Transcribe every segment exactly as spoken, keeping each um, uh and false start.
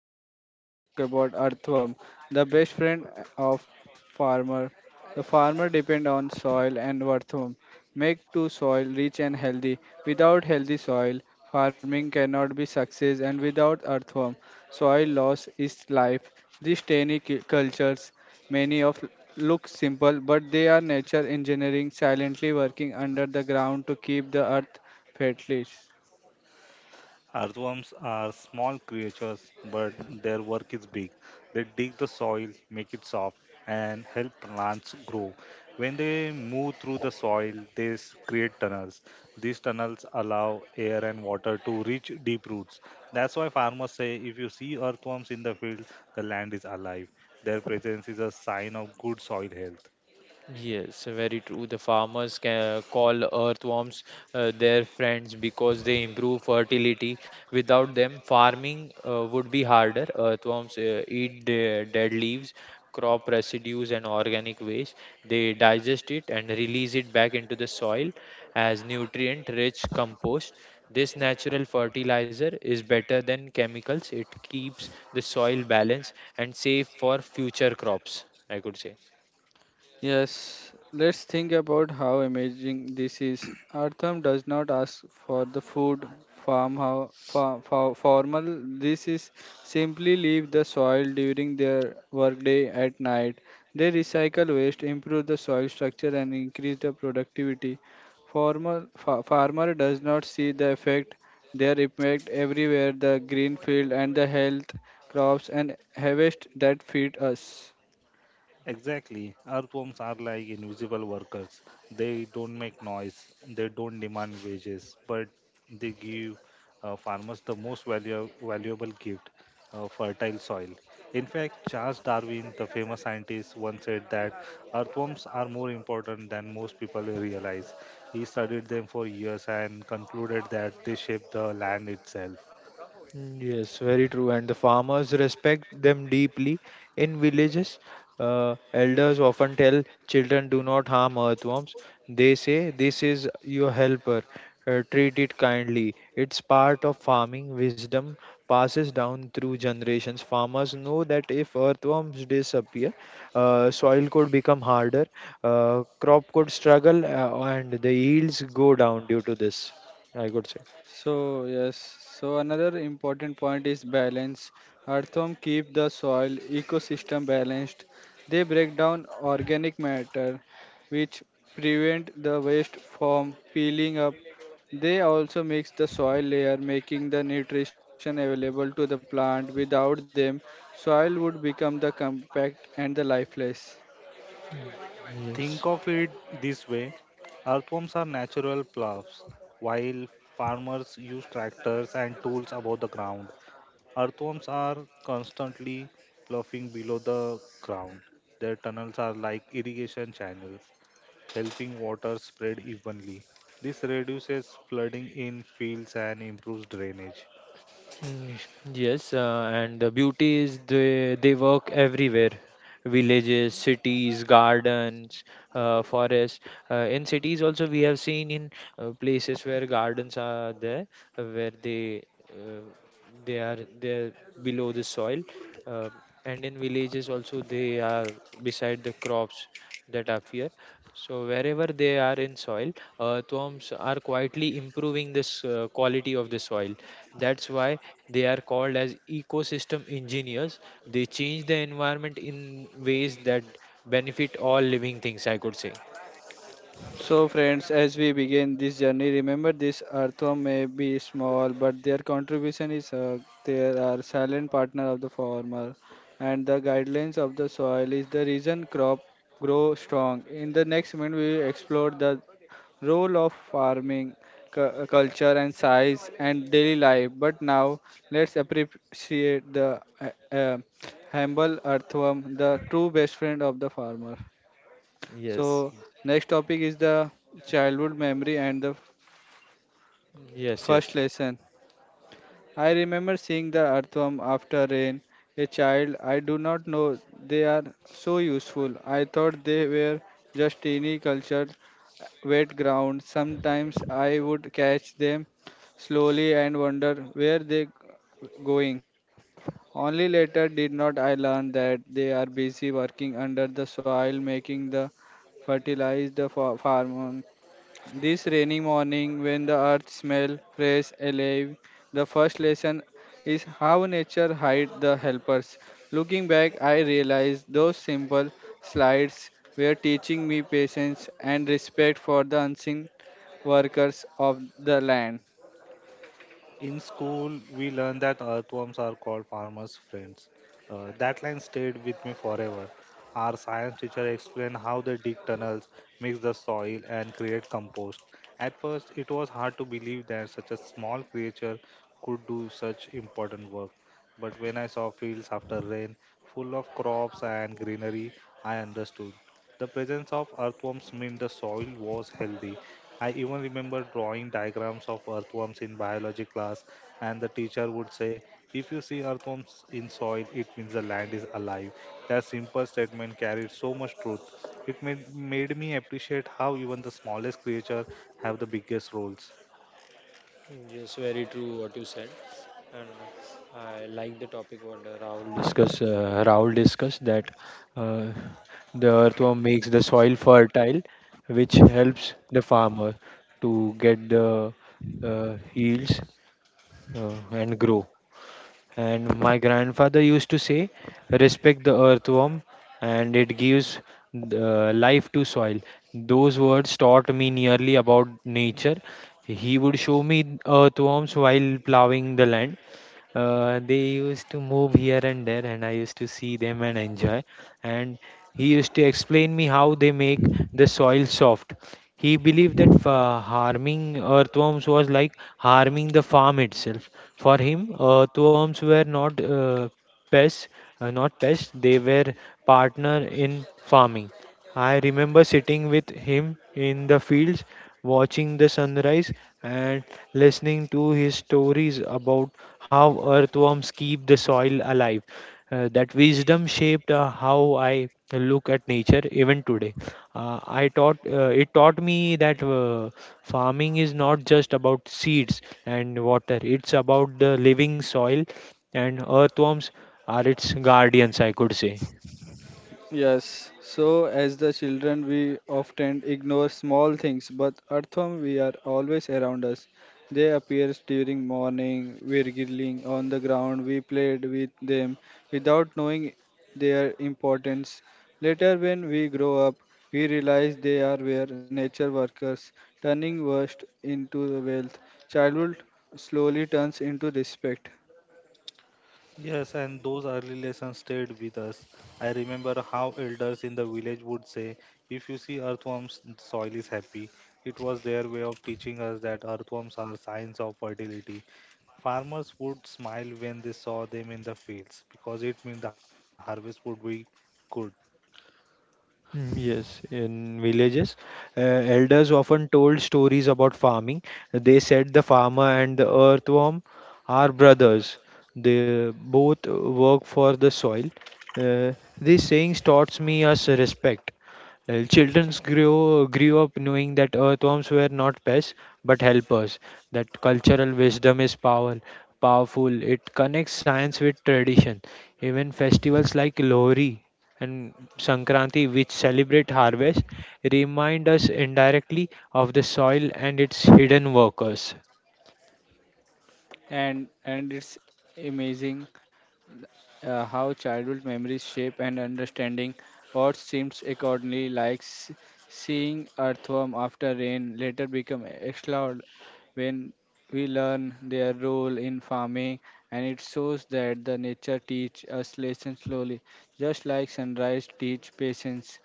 podcast. Today we will talk about earthworm, the best friend of farmer. The farmer depend on soil and earthworm make to soil rich and healthy. Without healthy soil, farming cannot be success, and without earthworm, soil loss is life. These tiny cu- cultures, many of look simple, but they are nature engineering silently working under the ground to keep the earth fertile. Earthworms are small creatures, but their work is big. They dig the soil, make it soft, and help plants grow. When they move through the soil, they s- create tunnels. These tunnels allow air and water to reach deep roots. That's why farmers say if you see earthworms in the field, the land is alive. Their presence is a sign of good soil health. Yes, very true. The farmers can call earthworms uh, their friends because they improve fertility. Without them, farming uh, would be harder. Earthworms uh, eat the dead leaves, crop residues, and organic waste. They digest it and release it back into the soil as nutrient-rich compost. This natural fertilizer is better than chemicals. It keeps the soil balanced and safe for future crops, I could say. Yes, let's think about how amazing this is. Artham does not ask for the food, farm, how, fa, fa, formal. This is simply leave the soil during their workday at night. They recycle waste, improve the soil structure, and increase the productivity. Formal fa, farmer does not see the effect. Their impact everywhere, the green field and the health crops and harvest that feed us. Exactly. Earthworms are like invisible workers. They don't make noise, they don't demand wages, but they give uh, farmers the most value, valuable gift, uh, fertile soil. In fact, Charles Darwin, the famous scientist, once said that earthworms are more important than most people realize. He studied them for years and concluded that they shape the land itself. Mm, yes, very true. And the farmers respect them deeply. In villages, uh, elders often tell children, do not harm earthworms. They say, this is your helper. Uh, treat it kindly. It's part of farming. Wisdom passes down through generations. Farmers know that if earthworms disappear, uh, soil could become harder, uh, crop could struggle, uh, and the yields go down due to this, I could say. So yes, so another important point is balance. Earthworm keep the soil ecosystem balanced. They break down organic matter, which prevent the waste from peeling up. They also mix the soil layer, making the nutrition available to the plant. Without them, soil would become the compact and the lifeless. Think Yes. of it this way, earthworms are natural ploughs, while farmers use tractors and tools above the ground. Earthworms are constantly ploughing below the ground. Their tunnels are like irrigation channels, helping water spread evenly. This reduces flooding in fields and improves drainage. Mm, yes, uh, and the beauty is they they work everywhere, villages, cities, gardens, uh, forests. Uh, in cities also we have seen in uh, places where gardens are there, uh, where they uh, they are there below the soil, uh, and in villages also they are beside the crops that appear. So wherever they are in soil, uh, earthworms are quietly improving this uh, quality of the soil. That's why they are called as ecosystem engineers. They change the environment in ways that benefit all living things, I could say. So, friends, as we begin this journey, remember this earthworm may be small, but their contribution is uh, they are silent partner of the farmer, and the guidelines of the soil is the reason crop grow strong. In the next minute, we will explore the role of farming, cu- uh, culture, and size and daily life. But now, let's appreciate the uh, uh, humble earthworm, the true best friend of the farmer. Yes. So, next topic is the childhood memory and the Yes, first yes. lesson. I remember seeing the earthworm after rain. A child, I do not know they are so useful. I thought they were just teeny cultured wet ground. Sometimes I would catch them slowly and wonder where they going. Only later did not I learn that they are busy working under the soil, making the fertilize the fa- farm. This rainy morning, when the earth smells fresh, alive, the first lesson is how nature hides the helpers. Looking back, I realized those simple slides were teaching me patience and respect for the unseen workers of the land. In school, we learned that earthworms are called farmers' friends. Uh, that line stayed with me forever. Our science teacher explained how they dig tunnels, mix the soil, and create compost. At first, it was hard to believe that such a small creature could do such important work. But when I saw fields after rain, full of crops and greenery, I understood. The presence of earthworms meant the soil was healthy. I even remember drawing diagrams of earthworms in biology class, and the teacher would say, "If you see earthworms in soil, it means the land is alive." That simple statement carried so much truth. It made, made me appreciate how even the smallest creature have the biggest roles. Yes, very true what you said, and uh, I like the topic what uh, Rahul discussed. Uh, Rahul discussed that uh, the earthworm makes the soil fertile, which helps the farmer to get the uh, yields uh, and grow. And my grandfather used to say, respect the earthworm and it gives uh, life to soil. Those words taught me nearly about nature. He would show me earthworms while plowing the land. Uh, they used to move here and there, and I used to see them and enjoy. And he used to explain me how they make the soil soft. He believed that fa- harming earthworms was like harming the farm itself. For him, earthworms were not uh, pests, uh, not pests. They were partner in farming. I remember sitting with him in the fields, watching the sunrise and listening to his stories about how earthworms keep the soil alive. Uh, that wisdom shaped uh, how I look at nature even today. Uh, I taught uh, it taught me that uh, farming is not just about seeds and water. It's about the living soil, and earthworms are its guardians, I could say. Yes, so as the children, we often ignore small things, but earthworm we are always around us. They appear during morning, we're giggling on the ground, we played with them without knowing their importance. Later, when we grow up, we realize they are were nature workers, turning waste into wealth. Childhood slowly turns into respect, Yes, and those early lessons stayed with us. I remember how elders in the village would say, "If you see earthworms, soil is happy." It was their way of teaching us that earthworms are signs of fertility. Farmers would smile when they saw them in the fields because it meant the harvest would be good. Mm, yes, in villages, uh, elders often told stories about farming. They said the farmer and the earthworm are brothers. They both work for the soil. Uh, these sayings taught me us respect. Well, childrens grew grew up knowing that earthworms were not pests but helpers. That cultural wisdom is power, powerful. It connects science with tradition. Even festivals like Lohri and Sankranti, which celebrate harvest, remind us indirectly of the soil and its hidden workers. and and it's amazing uh, how childhood memories shape and understanding what seems accordingly like s- seeing earthworm after rain later become extra when we learn their role in farming, and it shows that the nature teach us lessons slowly, just like sunrise teach patience.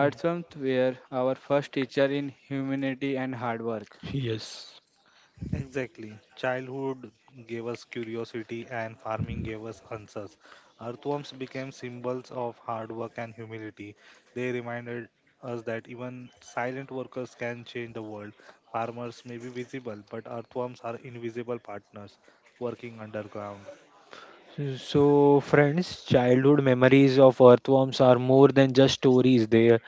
Mm, were our first teacher in humanity and hard work. yes. Exactly. Childhood gave us curiosity and farming gave us answers. Earthworms became symbols of hard work and humility. They reminded us that even silent workers can change the world. Farmers may be visible, but earthworms are invisible partners working underground. So, friends, childhood memories of earthworms are more than just stories. They,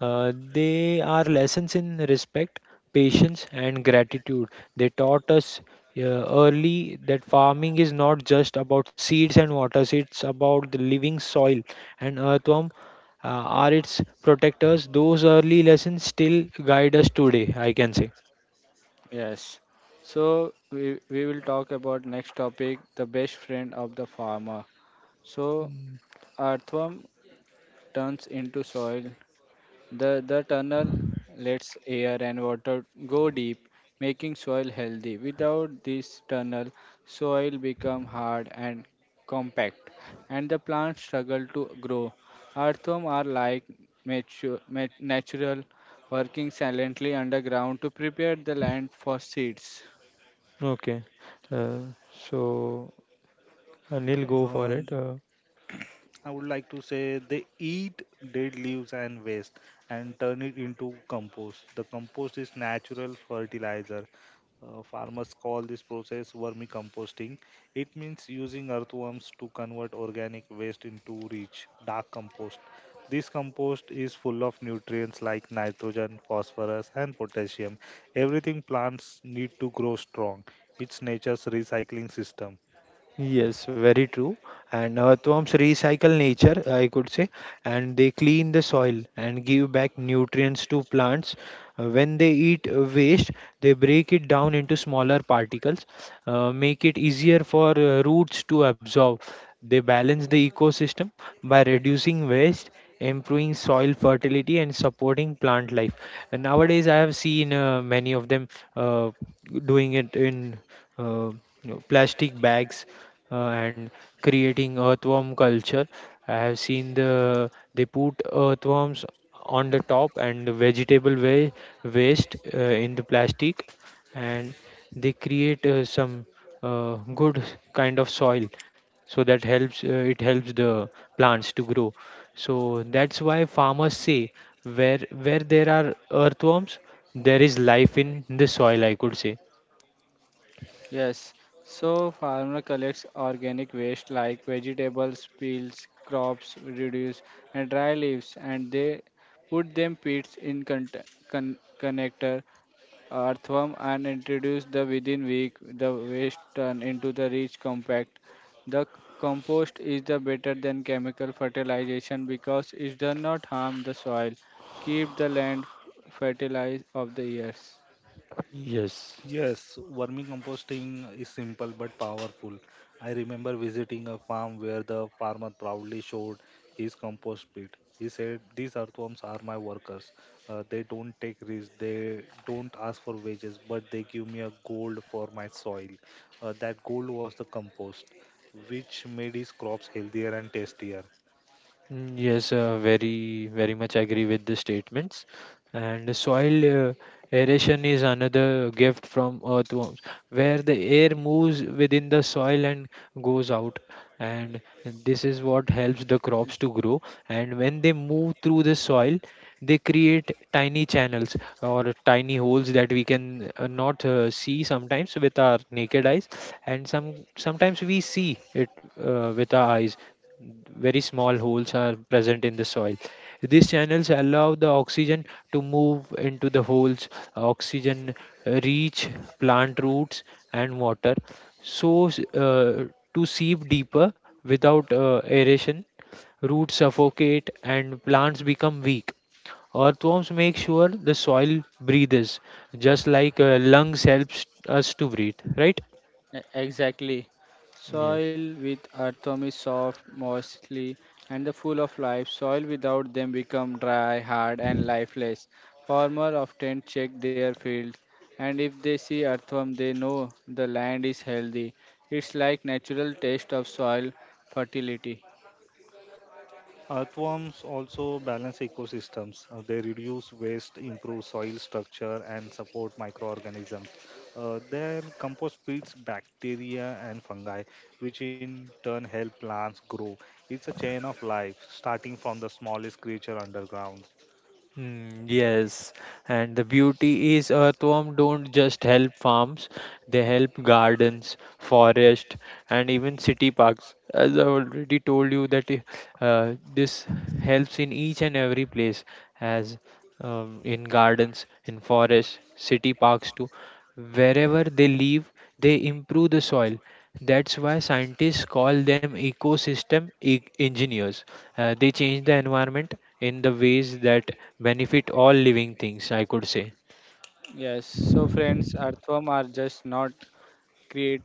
uh, they are lessons in respect, patience, and gratitude. They taught us uh, early that farming is not just about seeds and waters, it's about the living soil. And earthworm uh, are its protectors. Those early lessons still guide us today, I can say. Yes, so we, we will talk about next topic the best friend of the farmer. So Mm, earthworm turns into soil. The the tunnel lets air and water go deep, making soil healthy. Without this tunnel, soil become hard and compact, and the plants struggle to grow. Earthworm are like mature, ma- natural, working silently underground to prepare the land for seeds. okay. Uh, so, Anil, go for Uh, it. Uh, I would like to say they eat dead leaves and waste and turn it into compost. The compost is natural fertilizer. Uh, farmers call this process vermicomposting. It means using earthworms to convert organic waste into rich, dark compost. This compost is full of nutrients like nitrogen, phosphorus, and potassium. Everything plants need to grow strong. It's nature's recycling system. Yes, very true. And earthworms recycle nature, I could say, and they clean the soil and give back nutrients to plants. Uh, When they eat uh, waste, they break it down into smaller particles, uh, make it easier for uh, roots to absorb. They balance the ecosystem by reducing waste, improving soil fertility, and supporting plant life. And nowadays, I have seen uh, many of them uh, doing it in uh, you know, plastic bags uh, and creating earthworm culture. I have seen the they put earthworms on the top and the vegetable wa- waste uh, in the plastic, and they create uh, some uh, good kind of soil, so that helps uh, it helps the plants to grow. So that's why farmers say where where there are earthworms, there is life in the soil, I could say. Yes, so farmer collects organic waste like vegetables, peels, crops, reduce and dry leaves, and they put them pits in con- con- connector earthworm and introduce the within week the waste turn into the rich compact. The compost is the better than chemical fertilization because it does not harm the soil, keep the land fertilized of the years. Yes. Yes, vermicomposting is simple but powerful. I remember visiting a farm where the farmer proudly showed his compost pit. He said, "These earthworms are my workers. Uh, they don't take risks, they don't ask for wages, but they give me a gold for my soil." Uh, that gold was the compost, which made his crops healthier and tastier. Mm, yes, uh, very, very much agree with the statements. And soil uh, aeration is another gift from earthworms, where the air moves within the soil and goes out. And this is what helps the crops to grow. And when they move through the soil, they create tiny channels or tiny holes that we can uh, not uh, see sometimes with our naked eyes, and some sometimes we see it uh, with our eyes. Very small holes are present in the soil. These channels allow the oxygen to move into the holes, oxygen uh, reach plant roots and water, so s- uh, to seep deeper without uh, aeration. Roots suffocate and plants become weak. Earthworms make sure the soil breathes, just like uh, lungs helps us to breathe, right? E- Exactly. Yes. Soil with earthworm is soft, moistly, and the full of life. Soil without them become dry, hard, and lifeless. Farmers often check their fields, and if they see earthworm, they know the land is healthy. It's like natural taste of soil fertility. Earthworms also balance ecosystems. Uh, They reduce waste, improve soil structure, and support microorganisms. Uh, their compost feeds bacteria and fungi, which in turn help plants grow. It's a chain of life, starting from the smallest creature underground. Mm, yes, and the beauty is earthworm don't just help farms, they help gardens, forest, and even city parks. As I already told you that uh, this helps in each and every place, as um, in gardens, in forests, city parks too. Wherever they live, they improve the soil. That's why scientists call them ecosystem e- engineers. Uh, they change the environment in the ways that benefit all living things, I could say. Yes. So friends, earthworm are just not create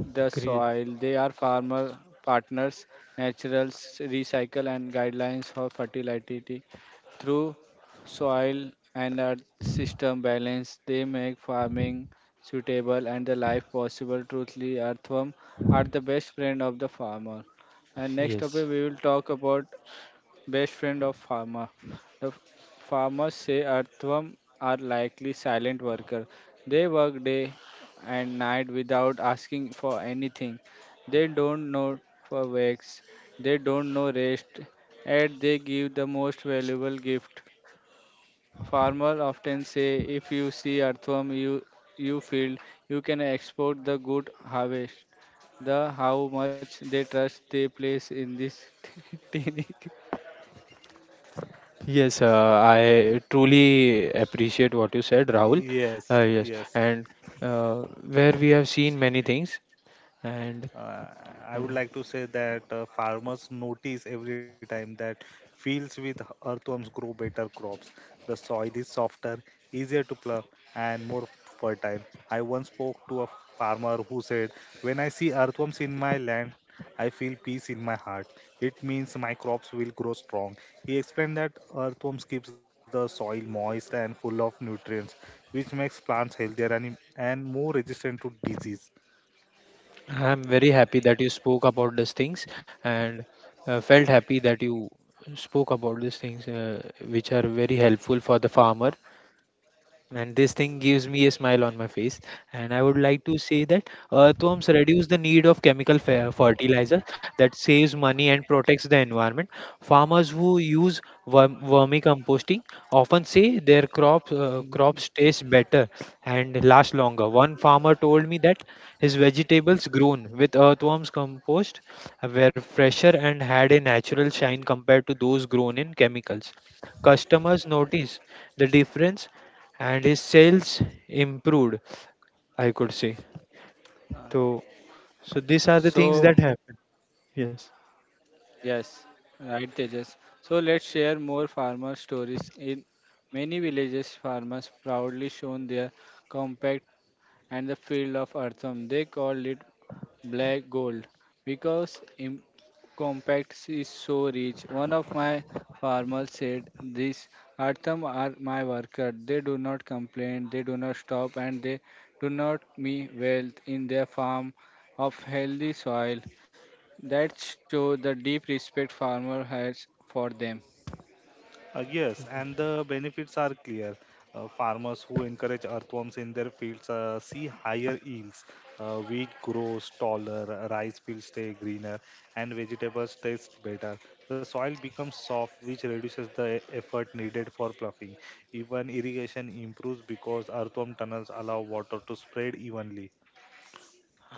the Cre- soil. They are farmer partners, naturals recycle and guidelines for fertility through soil and earth system balance. They make farming suitable and the life possible. Truthfully, earthworm are the best friend of the farmer. And next Yes. topic we will talk about best friend of farmer. The f- farmers say earthworm are likely silent worker. They work day and night without asking for anything. They don't know for wax. They don't know rest. And they give the most valuable gift. Farmer often say if you see earthworm you you field you can export the good harvest. The how much they trust they place in this teeny. Yes, uh, I truly appreciate what you said, Rahul. Yes, Uh, yes, yes. and uh, where we have seen many things, and Uh, I would like to say that uh, farmers notice every time that fields with earthworms grow better crops. The soil is softer, easier to plow, and more fertile. I once spoke to a farmer who said, "When I see earthworms in my land, I feel peace in my heart. It means my crops will grow strong." He explained that earthworms keeps the soil moist and full of nutrients, which makes plants healthier and, and more resistant to disease. I'm very happy that you spoke about these things, and uh, felt happy that you spoke about these things, uh, which are very helpful for the farmer. And this thing gives me a smile on my face. And I would like to say that earthworms reduce the need of chemical fer- fertilizer that saves money and protects the environment. Farmers who use worm- vermicomposting often say their crops uh, crops taste better and last longer. One farmer told me that his vegetables grown with earthworms compost were fresher and had a natural shine compared to those grown in chemicals. Customers notice the difference and his sales improved, I could say. So, so these are the things So, that happen. Yes, yes, right, Tejas. So, let's share more farmer stories. In many villages, farmers proudly shown their compact and the field of earthworm. They called it black gold because im- compact is so rich. One of my farmers said, these earthworm are my worker. They do not complain, they do not stop, and they do not me wealth in their farm of healthy soil. That show the deep respect farmer has for them. Uh, yes, and the benefits are clear. Uh, farmers who encourage earthworms in their fields uh, see higher yields. Uh, wheat grows taller, uh, rice fields stay greener, and vegetables taste better. The soil becomes soft, which reduces the e- effort needed for ploughing. Even irrigation improves because earthworm tunnels allow water to spread evenly.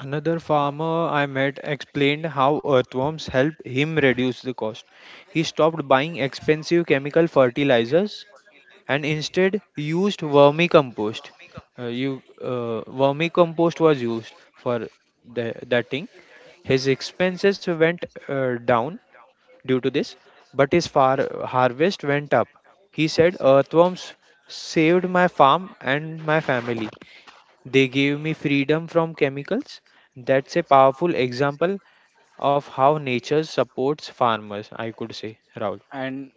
another farmer I met explained how earthworms helped him reduce the cost. He stopped buying expensive chemical fertilizers and instead used vermicompost. Uh, you uh, Vermicompost was used for the, that thing. His expenses went uh, down due to this, but his far- harvest went up. He said, earthworms saved my farm and my family. They gave me freedom from chemicals. That's a powerful example of how nature supports farmers, I could say, Rahul. And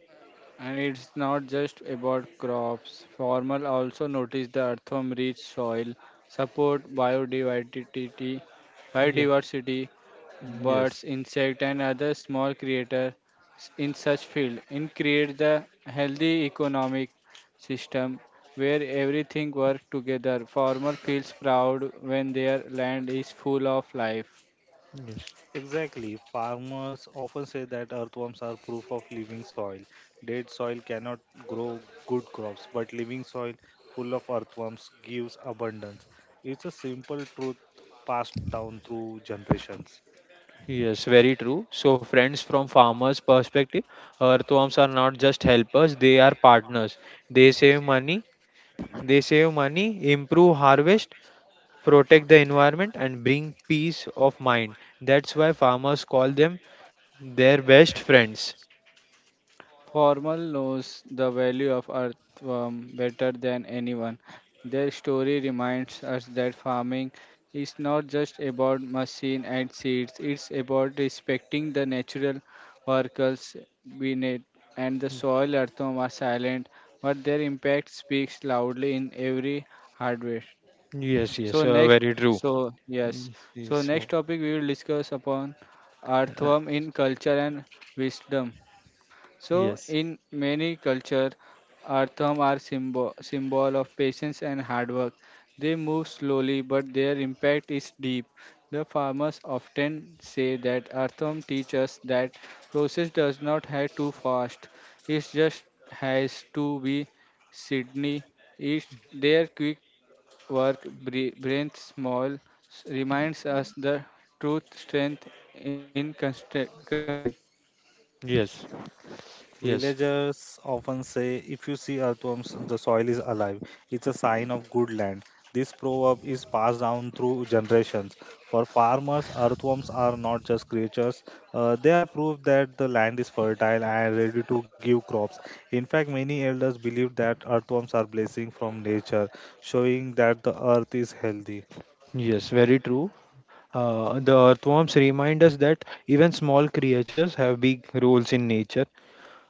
and it's not just about crops. Farmer also notice the earthworm rich soil, support biodiversity Yeah. biodiversity, birds, Yes. insect and other small creature in such field and create the healthy economic system where everything work together. Farmer feels proud when their land is full of life. Yes. Exactly. Farmers often say that earthworms are proof of living soil. Dead soil cannot grow good crops, but living soil full of earthworms gives abundance. It's a simple truth passed down through generations. Yes, very true. So, friends, from farmers' perspective, earthworms are not just helpers; they are partners. They save money. They save money, improve harvest, protect the environment and bring peace of mind. That's why farmers call them their best friends. Formal knows the value of earthworm better than anyone. Their story reminds us that farming is not just about machine and seeds, it's about respecting the natural workers beneath and the soil earthworm are silent, but their impact speaks loudly in every harvest. Yes, So yes, uh, next, very true. so yes. Yes, yes, So next so, topic we will discuss upon uh, earthworm in culture and wisdom. So, yes, in many cultures, artham are symbol symbol of patience and hard work. They move slowly, but their impact is deep. The farmers often say that artham teach us that process does not have to fast. It just has to be Sydney. It their quick work, bre- breath small, s- reminds us the truth strength in construct- construction. yes, yes, Villagers often say, if you see earthworms, the soil is alive. It's a sign of good land. This proverb is passed down through generations. For farmers, earthworms are not just creatures, uh, they are proof that the land is fertile and ready to give crops. In fact, many elders believe that earthworms are blessing from nature, showing that the earth is healthy. yes, very true. Uh, the earthworms remind us that even small creatures have big roles in nature.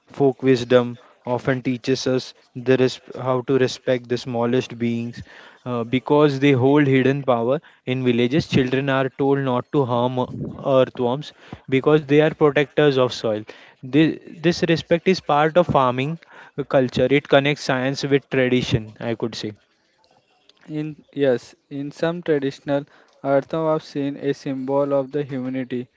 Folk wisdom often teaches us the res- how to respect the smallest beings uh, because they hold hidden power. In villages, children are told not to harm earthworms because they are protectors of soil. This, this respect is part of farming culture. It connects science with tradition, I could say. In yes, in some traditional Arthav seen a symbol of the humanity.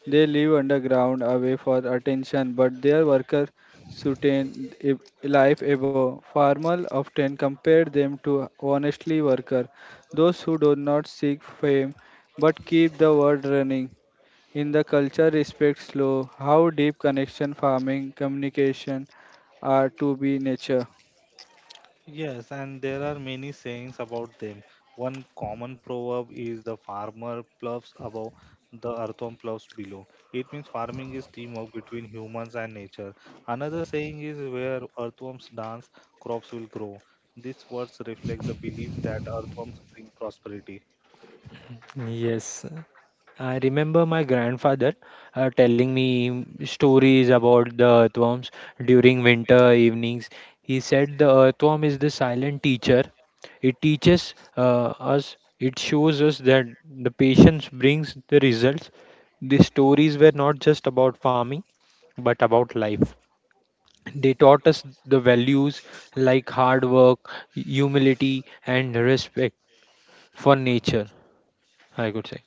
They live underground away for attention, but their worker, sustain a life above. Farmer often compare them to honestly worker, those who do not seek fame but keep the world running. In the culture respect slow, how deep connection farming communication are to be nature. Yes, and there are many sayings about them. One common proverb is, "The farmer ploughs above, the earthworm ploughs below." It means farming is teamwork between humans and nature. Another saying is, "Where earthworms dance, crops will grow." These words reflect the belief that earthworms bring prosperity. Yes, I remember my grandfather uh, telling me stories about the earthworms during winter evenings. He said the earthworm is the silent teacher. It teaches uh, us, it shows us that the patience brings the results. These stories were not just about farming, but about life. They taught us the values like hard work, humility, and respect for nature, I could say.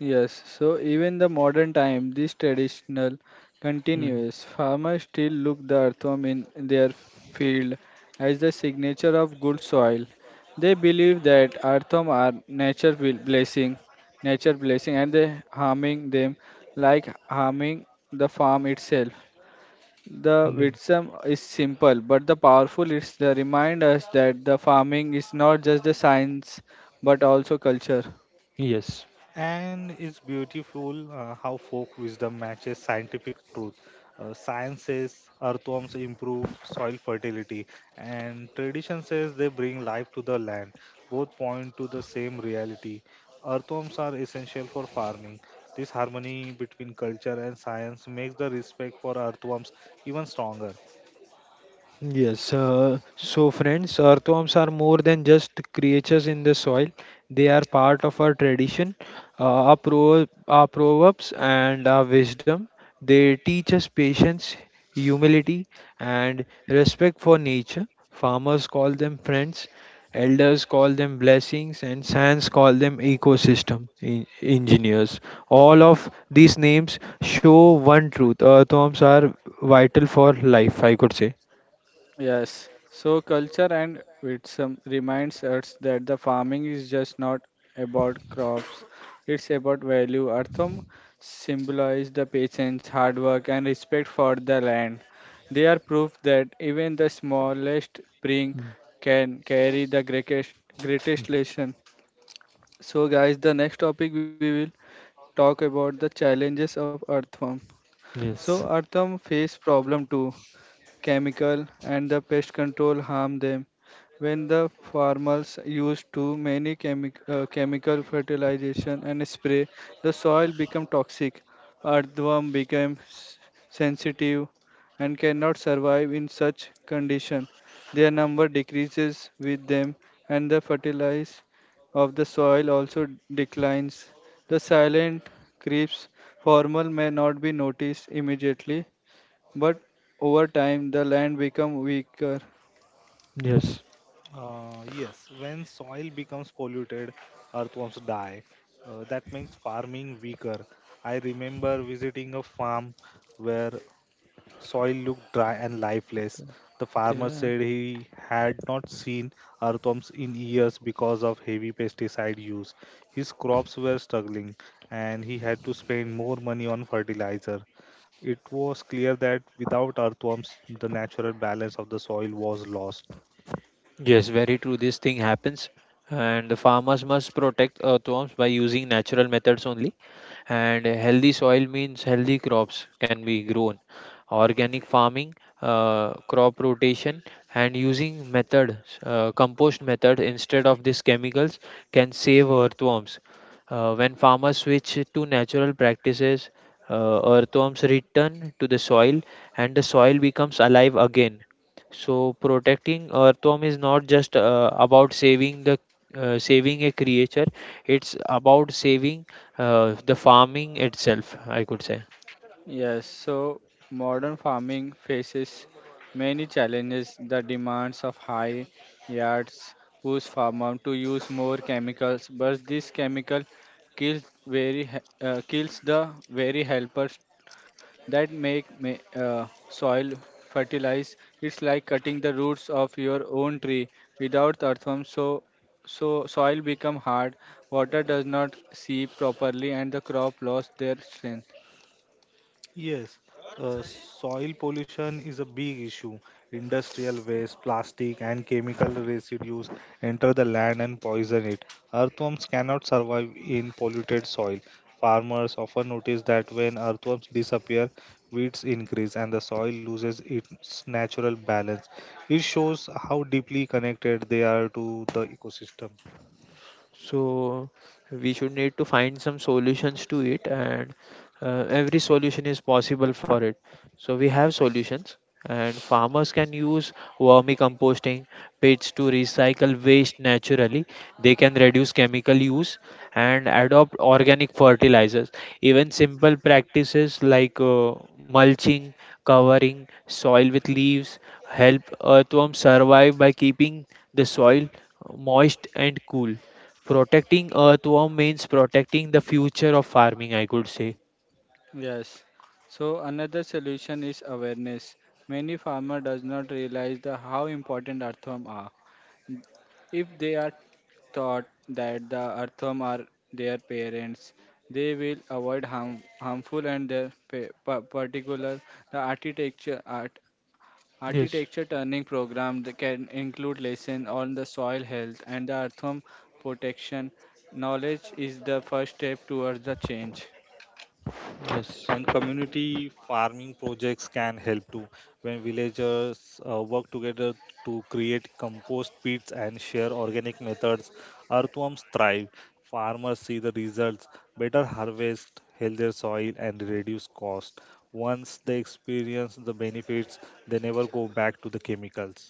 Yes, so even the modern time, this traditional Hmm. continuous farmers still look the earthworm in their field as the signature of good soil. They believe that earthworm are nature bl- blessing, nature blessing, and they harming them like harming the farm itself. The Liv- wisdom is simple but the powerful. It's the remind us that the farming is not just the science but also culture. Yes. And it's beautiful uh, how folk wisdom matches scientific truth. Uh, science says earthworms improve soil fertility, and tradition says they bring life to the land. Both point to the same reality. Earthworms are essential for farming. This harmony between culture and science makes the respect for earthworms even stronger. Yes, uh, so friends, earthworms are more than just creatures in the soil. They are part of our tradition, uh, our, pro- our proverbs, and our wisdom. They teach us patience, humility, and respect for nature. Farmers call them friends, elders call them blessings, and science call them ecosystem en- engineers. All of these names show one truth: earthworms are vital for life, I could say. Yes. So culture and wisdom reminds us that the farming is just not about crops. It's about value. Earthworm symbolize the patience, hard work and respect for the land. They are proof that even the smallest spring can carry the greatest greatest lesson. So guys, the next topic we will talk about the challenges of earthworm. So Yes, earthworm face problem too, chemical and the pest control harm them. When the farmers use too many chemi- uh, chemical fertilization and spray, the soil become toxic. Earthworm become s- sensitive and cannot survive in such condition. Their number decreases with them and the fertilize of the soil also declines. The silent creeps formal may not be noticed immediately, but over time the land become weaker. yes, Uh, yes, when soil becomes polluted, earthworms die. Uh, that makes farming weaker. I remember visiting a farm where soil looked dry and lifeless. The There farmer are- said he had not seen earthworms in years because of heavy pesticide use. His crops were struggling and he had to spend more money on fertilizer. It was clear that without earthworms, the natural balance of the soil was lost. yes, very true. This thing happens, and the farmers must protect earthworms by using natural methods only. And healthy soil means healthy crops can be grown. Organic farming, uh, crop rotation, and using methods, uh, compost method instead of these chemicals can save earthworms. Uh, when farmers switch to natural practices, uh, earthworms return to the soil, and the soil becomes alive again. So protecting earthworm is not just uh, about saving the uh, saving a creature; it's about saving uh, the farming itself, I could say. Yes, so modern farming faces many challenges. The demands of high yards push farmer to use more chemicals, but this chemical kills very he- uh, kills the very helpers that make ma- uh, soil fertilize. It's like cutting the roots of your own tree without earthworm, so so soil become hard, water does not seep properly, and the crop lost their strength. Yes, uh, soil pollution is a big issue. Industrial waste, plastic, and chemical residues enter the land and poison it. Earthworms cannot survive in polluted soil. Farmers often notice that when earthworms disappear, weeds increase and the soil loses its natural balance. It shows how deeply connected they are to the ecosystem. So we should need to find some solutions to it, and uh, every solution is possible for it. So we have solutions, and farmers can use vermicomposting pits to recycle waste naturally. They can reduce chemical use and adopt organic fertilizers. Even simple practices like uh, mulching, covering soil with leaves, help earthworms survive by keeping the soil uh, moist and cool. Protecting earthworm means protecting the future of farming, I could say. Yes. So another solution is awareness. Many farmer does not realize the how important earthworm are. If they are taught that the earthworm are their parents, they will avoid harm, harmful and their pa- pa- particular the architecture art Yes, architecture turning program that can include lesson on the soil health and the earthworm protection. Knowledge is the first step towards the change. yes, And community farming projects can help too. When villagers uh, work together to create compost pits and share organic methods, earthworms thrive. Farmers see the results: better harvest, healthier soil, and reduced cost. Once they experience the benefits, they never go back to the chemicals.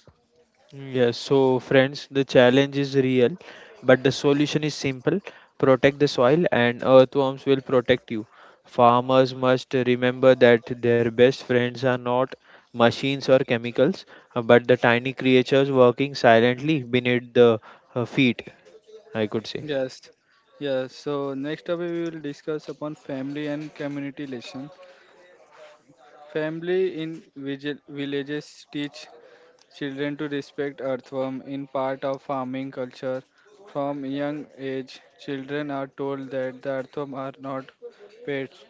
yes. So, friends, the challenge is real, but the solution is simple: protect the soil, and earthworms will protect you. Farmers must remember that their best friends are not machines or chemicals, uh, but the tiny creatures working silently beneath the uh, feet, I could say. Yes, yes. So next up we will discuss upon family and community lesson. Family in vigil- villages teach children to respect earthworm in part of farming culture. From young age, children are told that the earthworm are not pests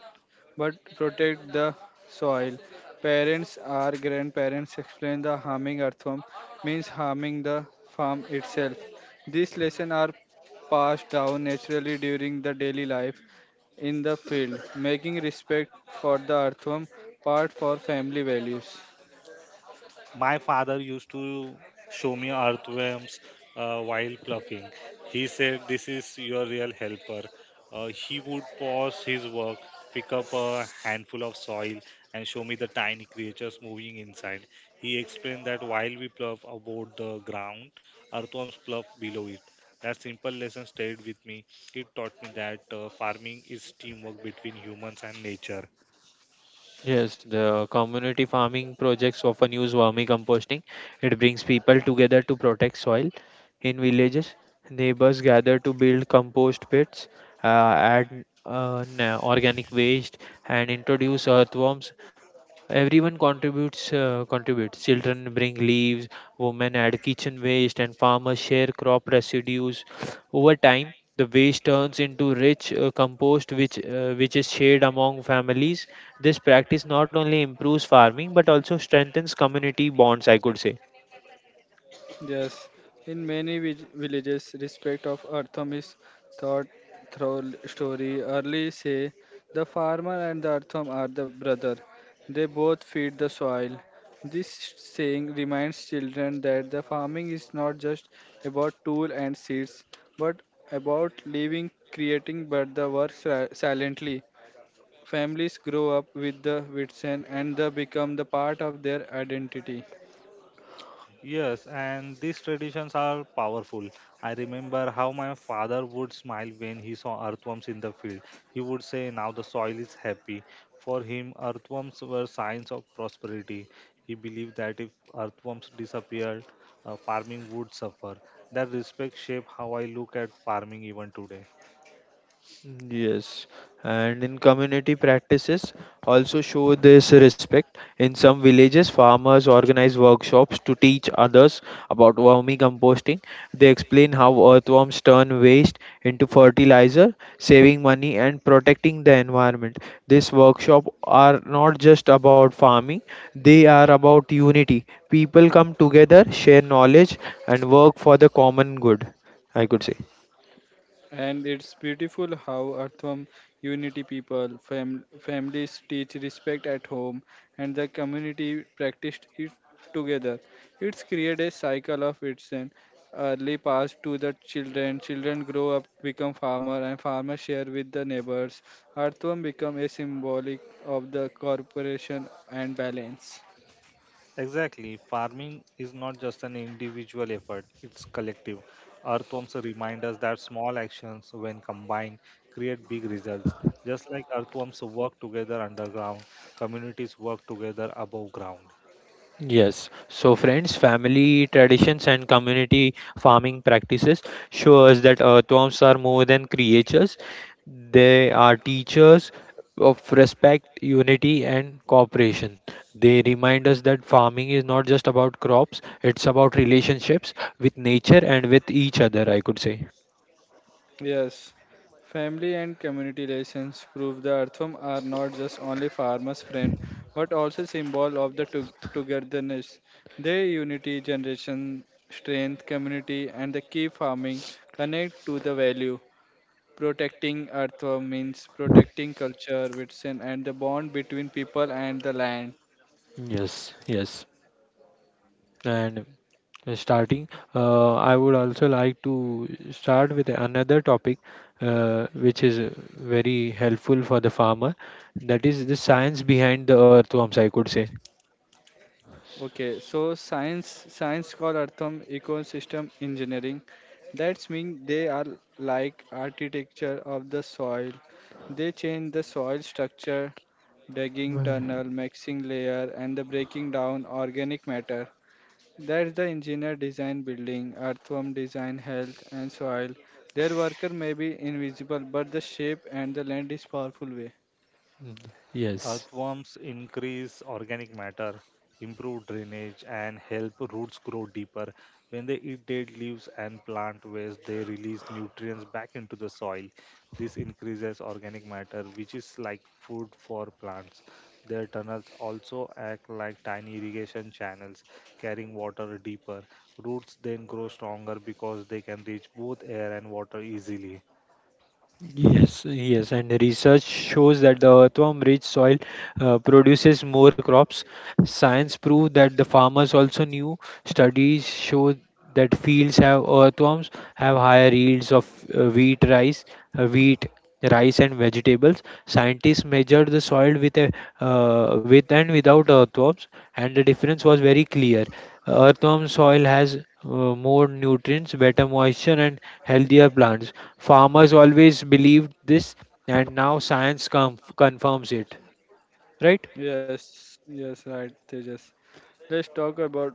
but protect the soil. Parents or grandparents explain the harming earthworm means harming the farm itself. These lessons are passed down naturally during the daily life in the field, making respect for the earthworm part for family values. My father used to show me earthworms uh, while plucking. He said, "This is your real helper." Uh, he would pause his work, pick up a handful of soil, and show me the tiny creatures moving inside. He explained that while we pluck about the ground, earthworms pluck below it. That simple lesson stayed with me. It taught me that uh, farming is teamwork between humans and nature. Yes, the community farming projects often use vermicomposting. It brings people together to protect soil. In villages, neighbors gather to build compost pits, uh, add uh, na- organic waste, and introduce earthworms. Everyone contributes, uh, contributes children bring leaves, women add kitchen waste, and farmers share crop residues. Over time the waste turns into rich uh, compost, which uh, which is shared among families. This practice not only improves farming but also strengthens community bonds, I could say. Yes, in many vij- villages, respect of earthom is thought through story. Early say the farmer and the earthom are the brother. They both feed the soil. This saying reminds children that the farming is not just about tool and seeds, but about living, creating, but the work si- silently. Families grow up with the Witsen and they become the part of their identity. Yes, and these traditions are powerful. I remember how my father would smile when he saw earthworms in the field. He would say, "Now the soil is happy." For him, earthworms were signs of prosperity. He believed that if earthworms disappeared, uh, farming would suffer. That respect shaped how I look at farming even today. Yes, and in community practices also show this respect. In some villages, farmers organize workshops to teach others about vermicomposting. They explain how earthworms turn waste into fertilizer, saving money and protecting the environment. These workshops are not just about farming, they are about unity. People come together, share knowledge, and work for the common good, I could say. And it's beautiful how Artham unity people, fam- families teach respect at home, and the community practiced it together. It's created a cycle of itself. Early passed to the children, children grow up, become farmer, and farmers share with the neighbors. Artham become a symbolic of the corporation and balance. Exactly. Farming is not just an individual effort, it's collective. Earthworms remind us that small actions, when combined, create big results. Just like earthworms work together underground, communities work together above ground. Yes. So, friends, family traditions and community farming practices show us that earthworms are more than creatures. They are teachers of respect, unity, and cooperation. They remind us that farming is not just about crops, it's about relationships with nature and with each other, I could say. Yes, family and community relations prove the earthworm are not just only farmer's friend, but also symbol of the to- togetherness. Their unity, generation, strength, community, and the key farming connect to the value. Protecting earthworm means protecting culture, medicine, and the bond between people and the land. Yes, yes. And starting. Uh, I would also like to start with another topic uh, which is uh, very helpful for the farmer. That is the science behind the earthworms, I could say. Okay, so science science called Artham ecosystem engineering. That's mean they are like architecture of the soil. They change the soil structure, digging Well, tunnel, mixing layer, and the breaking down organic matter. That's the engineer design building, earthworm design health and soil. Their worker may be invisible, but the shape and the land is powerful way. mm, yes. Earthworms increase organic matter, improve drainage, and help roots grow deeper. When they eat dead leaves and plant waste, they release nutrients back into the soil. This increases organic matter, which is like food for plants. Their tunnels also act like tiny irrigation channels, carrying water deeper. Roots then grow stronger because they can reach both air and water easily. Yes, yes, and research shows that the earthworm-rich soil uh, produces more crops. Science proved that the farmers also knew. Studies show that fields have earthworms have higher yields of uh, wheat, rice, uh, wheat, rice, and vegetables. Scientists measured the soil with a uh, with and without earthworms, and the difference was very clear. Earthworm soil has uh, more nutrients, better moisture, and healthier plants. Farmers always believed this, and now science com- confirms it. Right? Yes, yes, right, Tejas. Let's talk about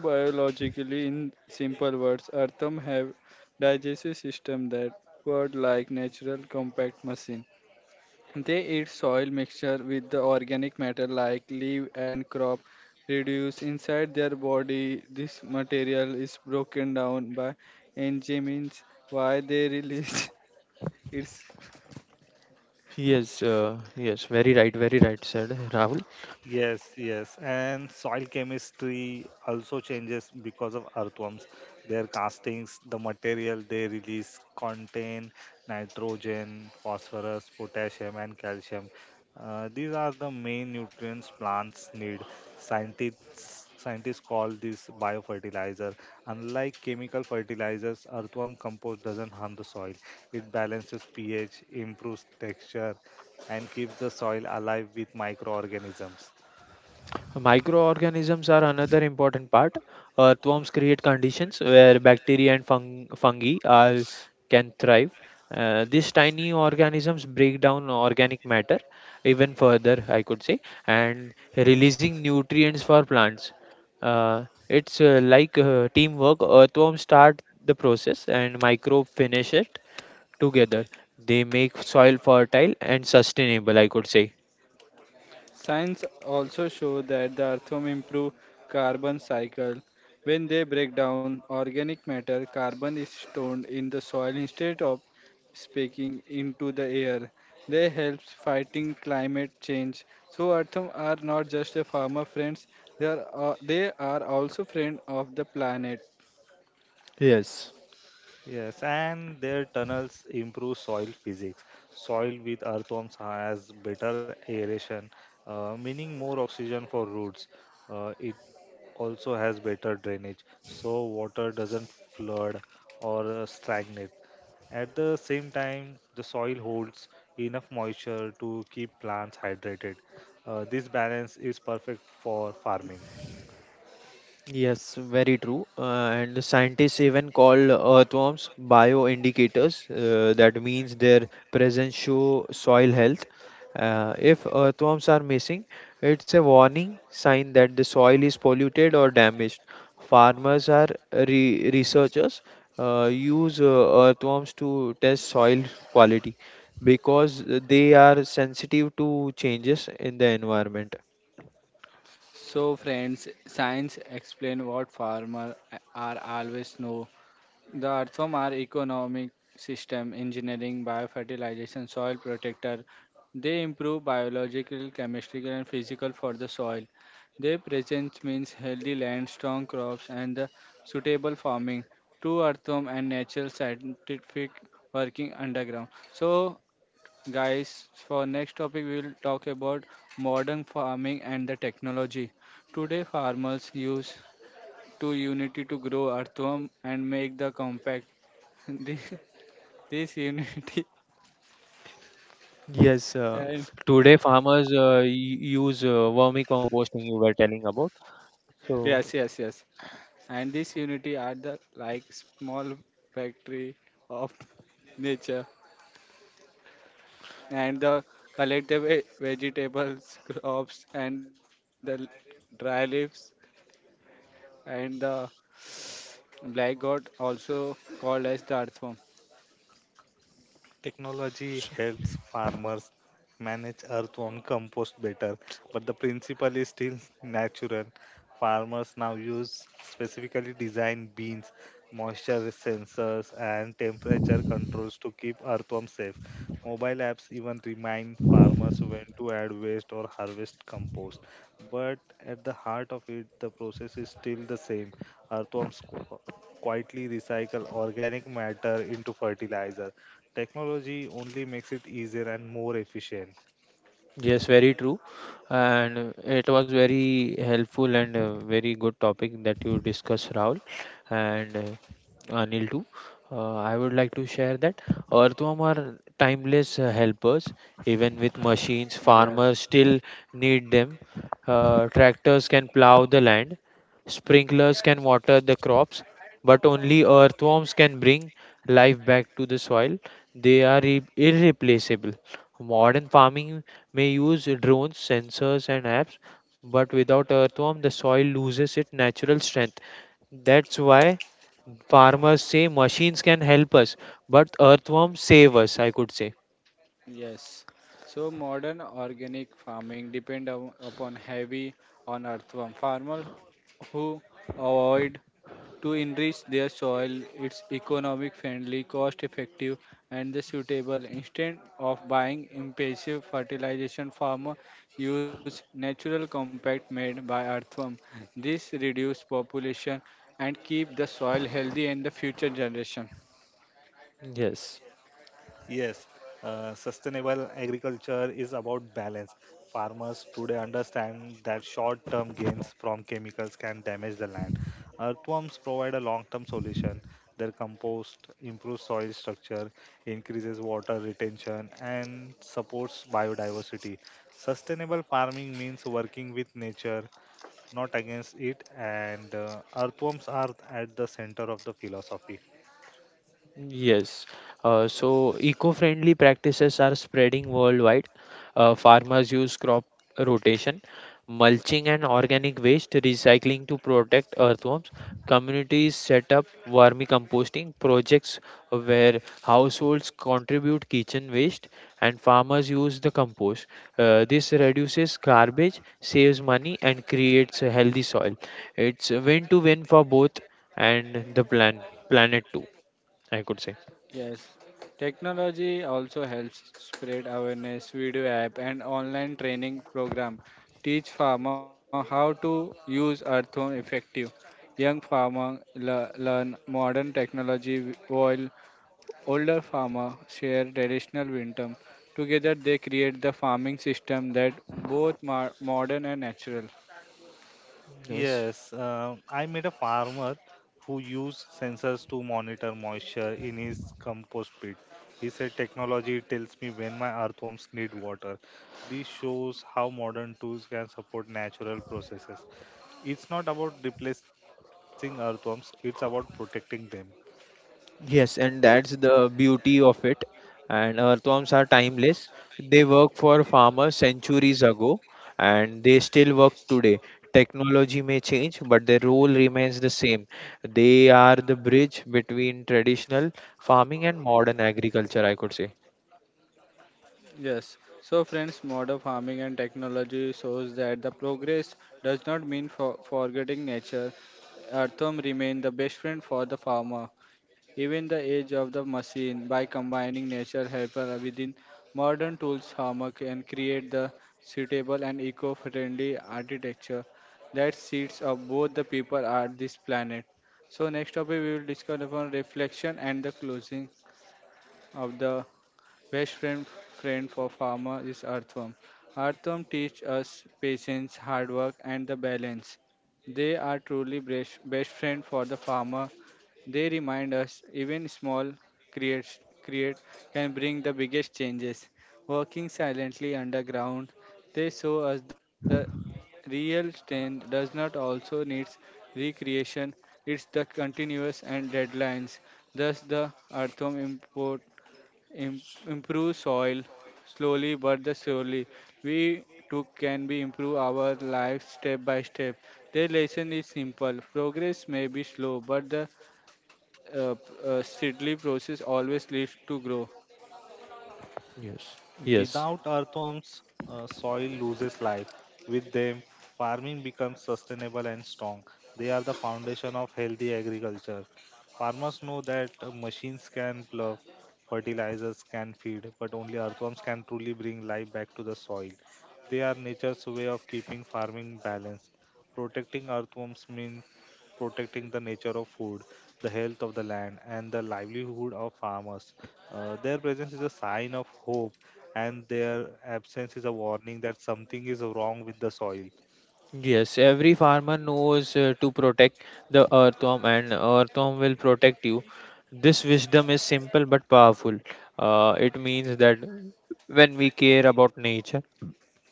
biologically in simple words. Earthworm have digestive system that work like natural compact machine. They eat soil mixture with the organic matter like leaf and crop reduce inside their body. This material is broken down by enzymes. Why they release its Yes, uh, yes, very right, very right, said Rahul. Yes, yes, and soil chemistry also changes because of earthworms. Their castings, the material they release, contain nitrogen, phosphorus, potassium, and calcium. Uh, these are the main nutrients plants need. Scientists scientists call this biofertilizer. Unlike chemical fertilizers, earthworm compost doesn't harm the soil. It balances pH, improves texture, and keeps the soil alive with microorganisms. Microorganisms are another important part. Earthworms create conditions where bacteria and fung- fungi are, can thrive. Uh, these tiny organisms break down organic matter even further, I could say, and releasing nutrients for plants. Uh, it's uh, like uh, teamwork. Earthworms start the process and microbe finish it together. They make soil fertile and sustainable, I could say. science also shows that the earthworm improve carbon cycle. When they break down organic matter, carbon is stored in the soil instead of speaking into the air. They help fighting climate change. So atom are not just a farmer friends, they are, uh, they are also friend of the planet. Yes. Yes, and their tunnels improve soil physics. Soil with earthworms has better aeration, uh, meaning more oxygen for roots. Uh, it also has better drainage, so water doesn't flood or uh, stagnate. At the same time, the soil holds enough moisture to keep plants hydrated. Uh, this balance is perfect for farming. Yes, very true. Uh, and scientists even call earthworms bioindicators. Uh, that means their presence show soil health. Uh, if earthworms are missing, it's a warning sign that the soil is polluted or damaged. Farmers are re- researchers uh, use uh, earthworms to test soil quality because they are sensitive to changes in the environment. So, friends, science explain what farmers are always know. The earthworm are economic system engineering, biofertilization, soil protector. They improve biological, chemical, and physical for the soil. Their presence means healthy land, strong crops, and the suitable farming. Two earthworm and natural scientific working underground. So, guys, for next topic we will talk about modern farming and the technology. Today, farmers use two unity to grow earthworm and make the compact this, this unity Yes, uh, and today farmers uh, y- use uh, vermicomposting you were telling about. yes, So, yes, yes, and this unity are the like small factory of nature and the collect the ve- vegetables crops and the l- dry leaves and the black god also called as the earthworm. Technology helps farmers manage earthworm compost better, but the principle is still natural. Farmers now use specifically designed bins, moisture sensors, and temperature controls to keep earthworm safe. Mobile apps even remind farmers when to add waste or harvest compost. But at the heart of it, the process is still the same. Earthworms co- quietly recycle organic matter into fertilizer. Technology only makes it easier and more efficient. yes, very true. And uh, it was very helpful and uh, very good topic that you discussed, Rahul and uh, Anil too. Uh, I would like to share that earthworm are timeless uh, helpers. Even with machines, Yes, farmers still need them. Uh, tractors can plow the land, sprinklers can water the crops, but only earthworms can bring life back to the soil. They are irre- irreplaceable. Modern farming may use drones, sensors, and apps, but without earthworm, the soil loses its natural strength. That's why farmers say machines can help us, but earthworms save us, I could say. yes, so modern organic farming depend on, upon heavy on earthworm farmer who avoid to enrich their soil. It's economic friendly, cost effective, and the suitable. Instead of buying impulsive fertilization, farmer use natural compact made by earthworm. This reduce population and keep the soil healthy and the future generation. Yes. Yes, uh, sustainable agriculture is about balance. Farmers today understand that short term gains from chemicals can damage the land. Earthworms provide a long term solution. Their compost improves soil structure, increases water retention, and supports biodiversity. Sustainable farming means working with nature, not against it, and uh, earthworms are at the center of the philosophy. Yes. Uh, so eco-friendly practices are spreading worldwide. Uh, farmers use crop rotation, mulching and organic waste recycling to protect earthworms. Communities set up vermicomposting projects where households contribute kitchen waste and farmers use the compost. Uh, this reduces garbage, saves money, and creates a healthy soil. It's a win-to-win for both and the plan planet too. I could say. Yes, technology also helps spread awareness. Video app and online training program teach farmer how to use earthworm effective. Young farmer le- learn modern technology w- while older farmer share traditional wisdom. Together they create the farming system that both mar- modern and natural. Yes. Yes, uh, I met a farmer who used sensors to monitor moisture in his compost pit. He said, "Technology tells me when my earthworms need water." This shows how modern tools can support natural processes. It's not about replacing earthworms, it's about protecting them. Yes, and that's the beauty of it. And earthworms are timeless. They work for farmers centuries ago and they still work today. Technology may change, but their role remains the same. They are the bridge between traditional farming and modern agriculture, I could say. Yes. So, friends, modern farming and technology shows that the progress does not mean for forgetting nature. Earthworm remain the best friend for the farmer, even the age of the machine. By combining nature helper within modern tools, farmer can create the suitable and eco-friendly architecture that seats of both the people at this planet. So next topic we will discuss upon reflection and the closing of the best friend friend for farmer is earthworm. Earthworm teach us patience, hard work, and the balance. They are truly best, best friend for the farmer. They remind us even small creates create can bring the biggest changes. Working silently underground, they show us the real strength does not also needs recreation. It's the continuous and deadlines. Thus, the earthworm import Im- improve soil slowly but the surely. We too can be improve our lives step by step. The lesson is simple. Progress may be slow, but the uh, uh, steadily process always leads to grow. Yes. Yes. Without earthworms, uh, soil loses life. With them, farming becomes sustainable and strong. They are the foundation of healthy agriculture. Farmers know that uh, machines can plough, fertilizers can feed, but only earthworms can truly bring life back to the soil. They are nature's way of keeping farming balanced. Protecting earthworms means protecting the nature of food, the health of the land, and the livelihood of farmers. Uh, their presence is a sign of hope and their absence is a warning that something is wrong with the soil. Yes, every farmer knows uh, to protect the earthworm, and earthworm will protect you. This wisdom is simple but powerful. Uh, it means that when we care about nature,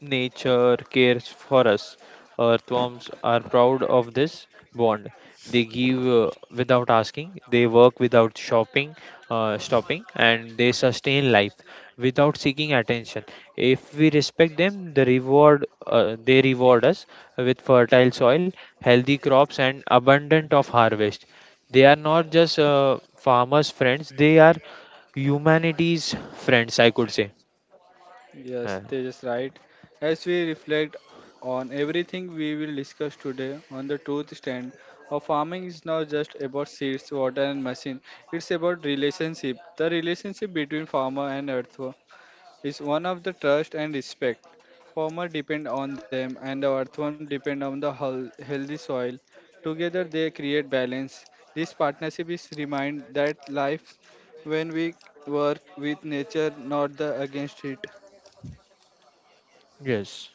nature cares for us. Earthworms are proud of this bond. They give uh, without asking, they work without shopping, uh, stopping, and they sustain life without seeking attention. If we respect them, the reward uh, they reward us with fertile soil, healthy crops, and abundant of harvest. They are not just uh, farmers' friends; they are humanity's friends. I could say. Yes, Uh, they just right. As we reflect on everything we will discuss today on the truth stand, our farming is not just about seeds, water, and machine. It's about relationship, the relationship between farmer and earth. Is one of the trust and respect. Farmer depend on them and the earthworm depend on the heal- healthy soil. Together they create balance. This partnership is remind that life when we work with nature not the against it. yes.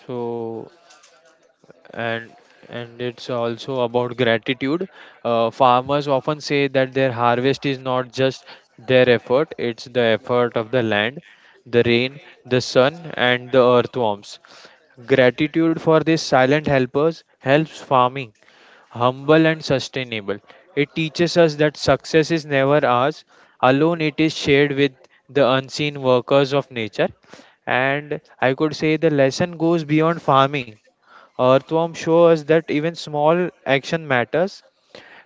So, and and it's also about gratitude. Uh, farmers often say that their harvest is not just their effort, it's the effort of the land, the rain, the sun, and the earthworms. Gratitude for these silent helpers helps farming humble and sustainable. It teaches us that success is never ours alone, it is shared with the unseen workers of nature. And I could say the lesson goes beyond farming. Earthworm show us that even small action matters.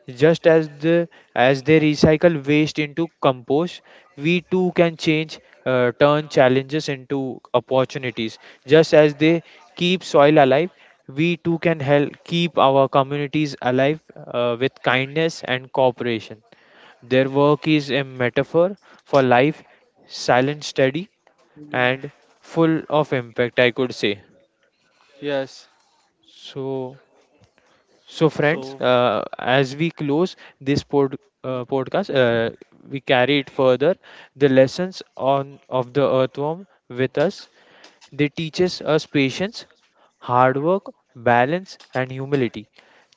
Just as the As they recycle waste into compost, we too can change, uh, turn challenges into opportunities. Just as they keep soil alive, we too can help keep our communities alive uh, with kindness and cooperation. Their work is a metaphor for life, silent, steady, Yeah. and full of impact. I could say Yes. so. So, So, friends, uh, as we close this pod, uh, Um, podcast, uh, we carry it further. The lessons on of the earthworm with us. They teaches us patience, hard work, balance, and humility.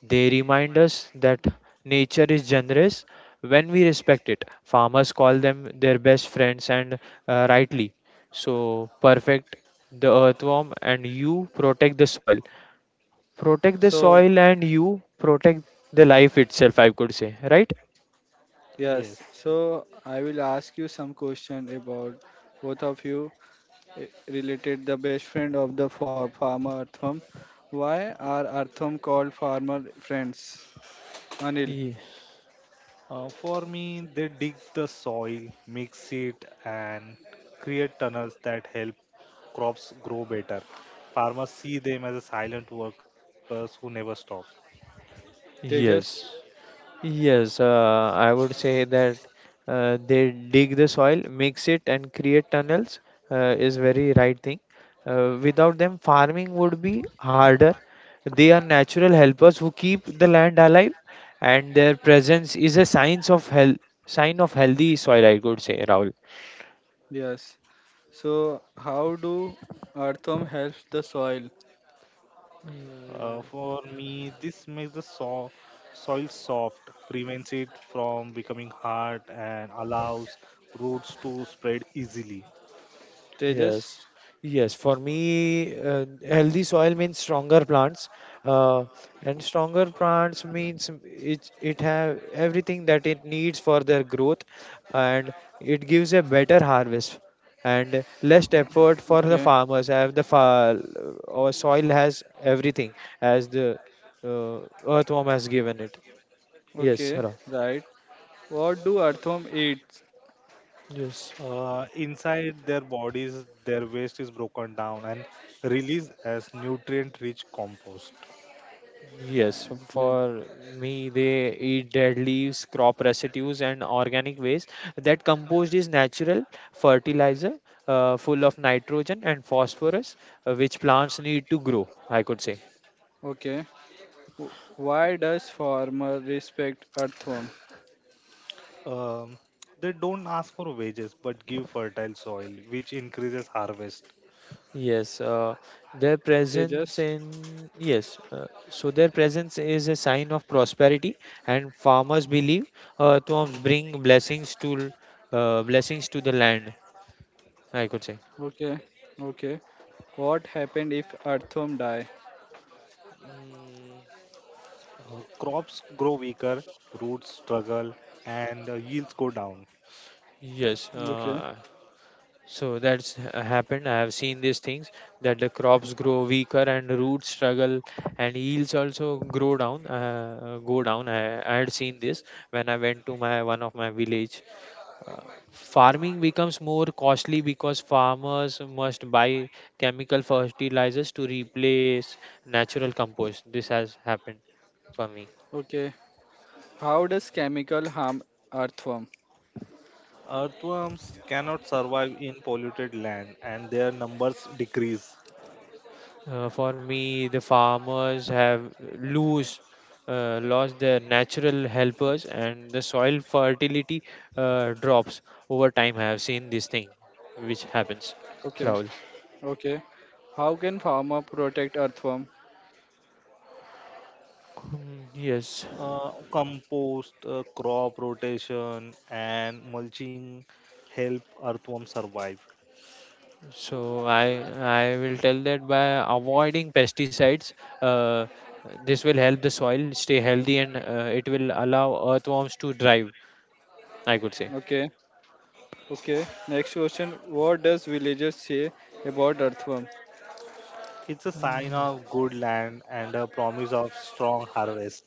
They remind us that nature is generous when we respect it. Farmers call them their best friends, and uh, rightly. So, perfect the earthworm, and you protect the soil, protect the So soil and you protect the life itself, I could say, right? yes, yes. So I will ask you some question about both of you eh, related the best friend of the fa- farmer earthworm. Why are earthworm called farmer friends? Anil, Ye- uh, for me, they dig the soil, mix it, and create tunnels that help crops grow better. Farmers see them as a silent workers who never stop. yes. Tejas, Yes, uh, I would say that uh, they dig the soil, mix it, and create tunnels uh, is very right thing. Uh, without them farming would be harder. They are natural helpers who keep the land alive, and their presence is a signs of health sign of healthy soil, I could say, Rahul. yes. So, how do earthworm helps the soil? Uh, Mm, for me, this makes the so- soil soft, prevents it from becoming hard, and allows roots to spread easily. Tejas, yes. Yes, for me, uh, healthy soil means stronger plants, uh, and stronger plants means it it have everything that it needs for their growth, and it gives a better harvest and less effort for the okay, farmers. Have the fa- our soil has everything as the uh, earthworm has given it. Yes, okay, Ra. right. What do earthworm eats? Yes. Uh, inside their bodies their waste is broken down and released as nutrient rich compost. Yes, so Te- for me, they eat dead leaves, crop residues, and organic waste. That compost is natural fertilizer, uh, full of nitrogen and phosphorus, uh, which plants need to grow, I could say. okay. W- why does farmer respect earthworm? um, they don't ask for wages but give fertile soil which increases harvest. Yes, uh, their Tejas, presence in, yes, uh, so their presence is a sign of prosperity, and farmers believe uh, tombs bring blessings to uh, blessings to the land, I could say. okay, okay. What happened if earthworm die? Mm, uh, Crops grow weaker, roots struggle, and uh, yields go down. yes. Okay, uh, So that's ha- happened. I have seen these things, that the crops grow weaker and roots struggle and yields also grow down, uh, go down. I, I had seen this when I went to my one of my village. Uh, Farming becomes more costly because farmers must buy chemical fertilizers to replace natural compost. This has happened for me. okay. How does chemical harm earthworm? Earthworms cannot survive in polluted land and their numbers decrease. Uh, for me, the farmers have lose, uh, lost their natural helpers, and the soil fertility uh, drops over time. I have seen this thing, which happens, Okay, Rahul. okay. How can farmer protect earthworm? Hmm, yes, uh, Compost, uh, crop rotation, and mulching help earthworms survive. so I I will tell that by avoiding pesticides, uh, this will help the soil stay healthy and uh, it will allow earthworms to thrive. I could Okay. Okay, next question. What does villagers say about earthworm? It's a sign say. of good land and a promise of strong harvest.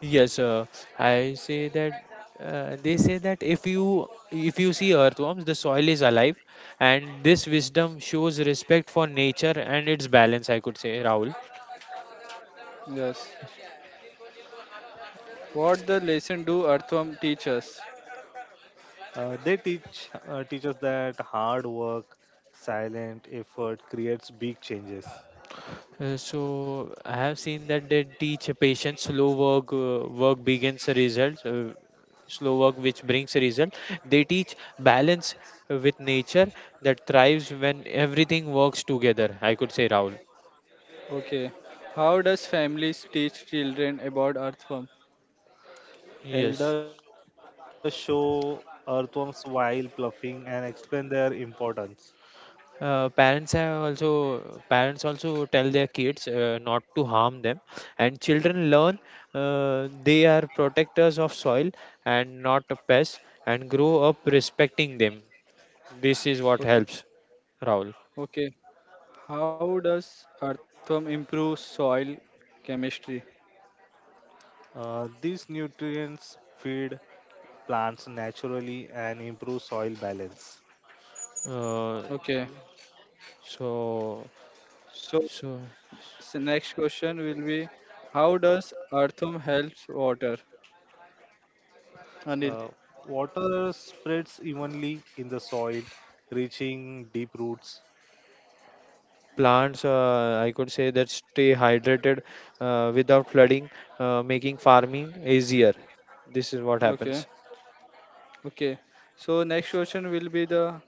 Yes, uh, I say that uh, they say that if you if you see earthworms, the soil is alive, and this wisdom shows respect for nature and its balance. I could say, Rahul. Yes. What the lesson do earthworm teach us? Uh, they teach uh, teach us that hard work, silent effort creates big changes. Uh, so I have seen that they teach patience, slow work, uh, work begins results, uh, slow work which brings result. They teach balance with nature that thrives when everything works together. I could say, Rahul. Okay. How does families teach children about earthworm? Yes. Elders show earthworms while pluffing and explain their importance. uh, parents have also parents also tell their kids uh, not to harm them, and children learn uh, they are protectors of soil and not pests, and grow up respecting them. This is what Okay. helps, Raul. Okay. How does earthworm improve soil chemistry? Uh, these nutrients feed plants naturally and improve soil balance. uh, Okay. so So, so so next question will be how does earthworm helps water? Uh, Anil. water spreads evenly in the soil, reaching deep roots. Plants, uh, I could say, that stay hydrated uh, without flooding, uh, making farming easier. This is what Okay. happens. Okay. So next question will be the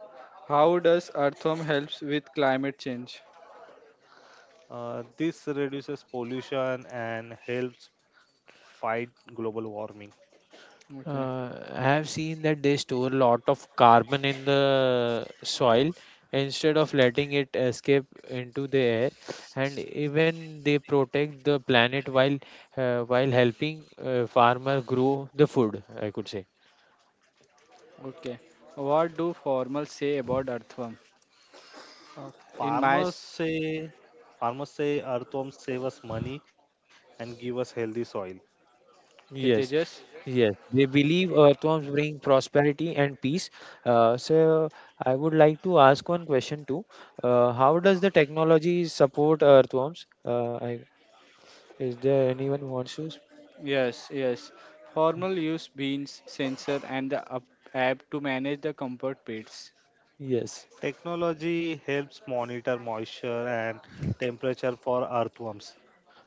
how does earthworm helps with climate change? Uh, this reduces pollution and helps fight global warming. Okay. Uh, I have seen that they store a lot of carbon in the soil instead of letting it escape into the air, and even they protect the planet while uh, while helping uh, farmer grow the food, I could say. Okay. What do formals say about earthworm? Uh, In my farmers s- say farmers say earthworms save us money and give us healthy soil. okay, Yes, Tejas? yes. They believe earthworms bring prosperity and peace. Uh, so I would like to ask one question too. Uh, how does the technology support earthworms? Uh, I, is there anyone who wants to? s- Yes, yes. Formal use beans, sensor, and the up- app to manage the comfort pits. Yes. Technology helps monitor moisture and temperature for earthworms.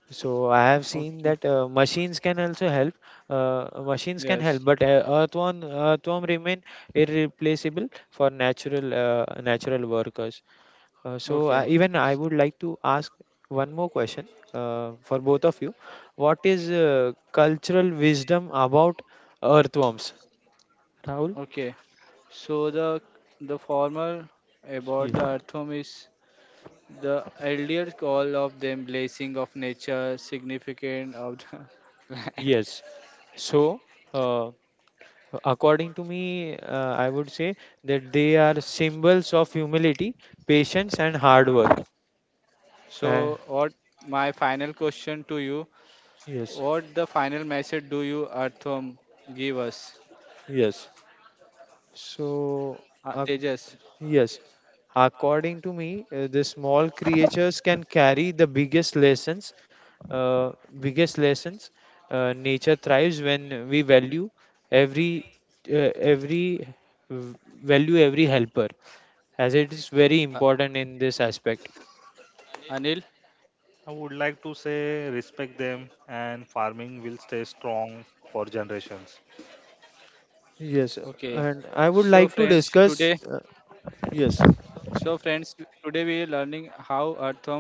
So I have seen Okay. that uh, machines can also help. Uh, machines can help, Yes. but uh, earthworm earthworm remain irreplaceable for natural uh, natural workers. Uh, so uh, Okay. even I would like to ask one more question uh, for both of you. What is uh, cultural wisdom about earthworms, Rahul? Okay. So the the formal about Ye- the earthworm is the elders call of them blessing of nature, significant of the land. Yes. So. Uh, According to me, uh, I would say that they are symbols of humility, patience, and hard work. Uh, So, what my final question to you? yes, What the final message do you, Artham, give us? yes. So, Uh, uh, Tejas, yes. According to me, uh, the small creatures can carry the biggest lessons uh, biggest lessons. Uh, nature thrives when we value every uh, every v- value every helper, as it is very uh, important in this aspect. Anil. I would like to say respect them and farming will stay strong for generations. Yes, Okay. uh, and I So, would like friends, to today, discuss. Uh, yes, so friends, today we are learning how Artham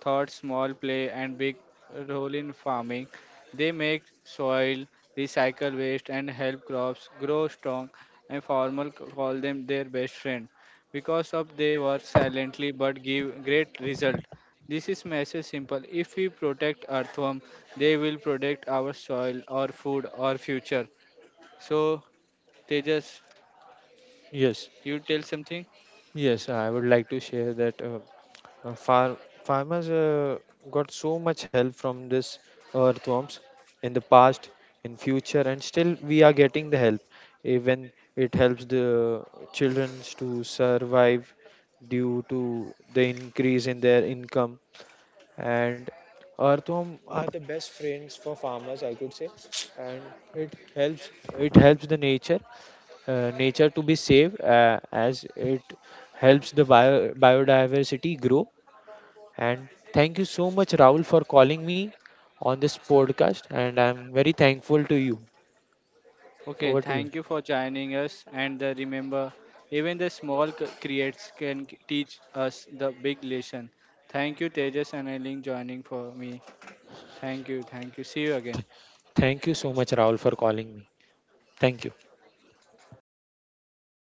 thought small play and big role in farming. They make soil, recycle waste, and help crops grow strong. And farmers c- call them their best friend because of they work silently but give great result. This is message simple. If we protect earthworm, they will protect our soil, our food, our future. So Tejas, yes, you tell something. yes. I would like to share that uh, uh, far, farmers uh, got so much help from this earthworms in the past, in future, and still we are getting the help. Even it helps the childrens to survive due to the increase in their income, and earthworm are the best friends for farmers, I could say. And it helps it helps the nature, uh, nature to be safe, uh, as it helps the bio, biodiversity grow. And thank you so much, Rahul, for calling me on this podcast, and I'm very thankful to you. Okay, Over to you. thank you for joining us. And uh, remember, even the small c- creates can c- teach us the big lesson. Thank you, Tejas and Eileen, joining for me. Thank you, thank you. See you again. Thank you so much, Rahul, for calling me. Thank you.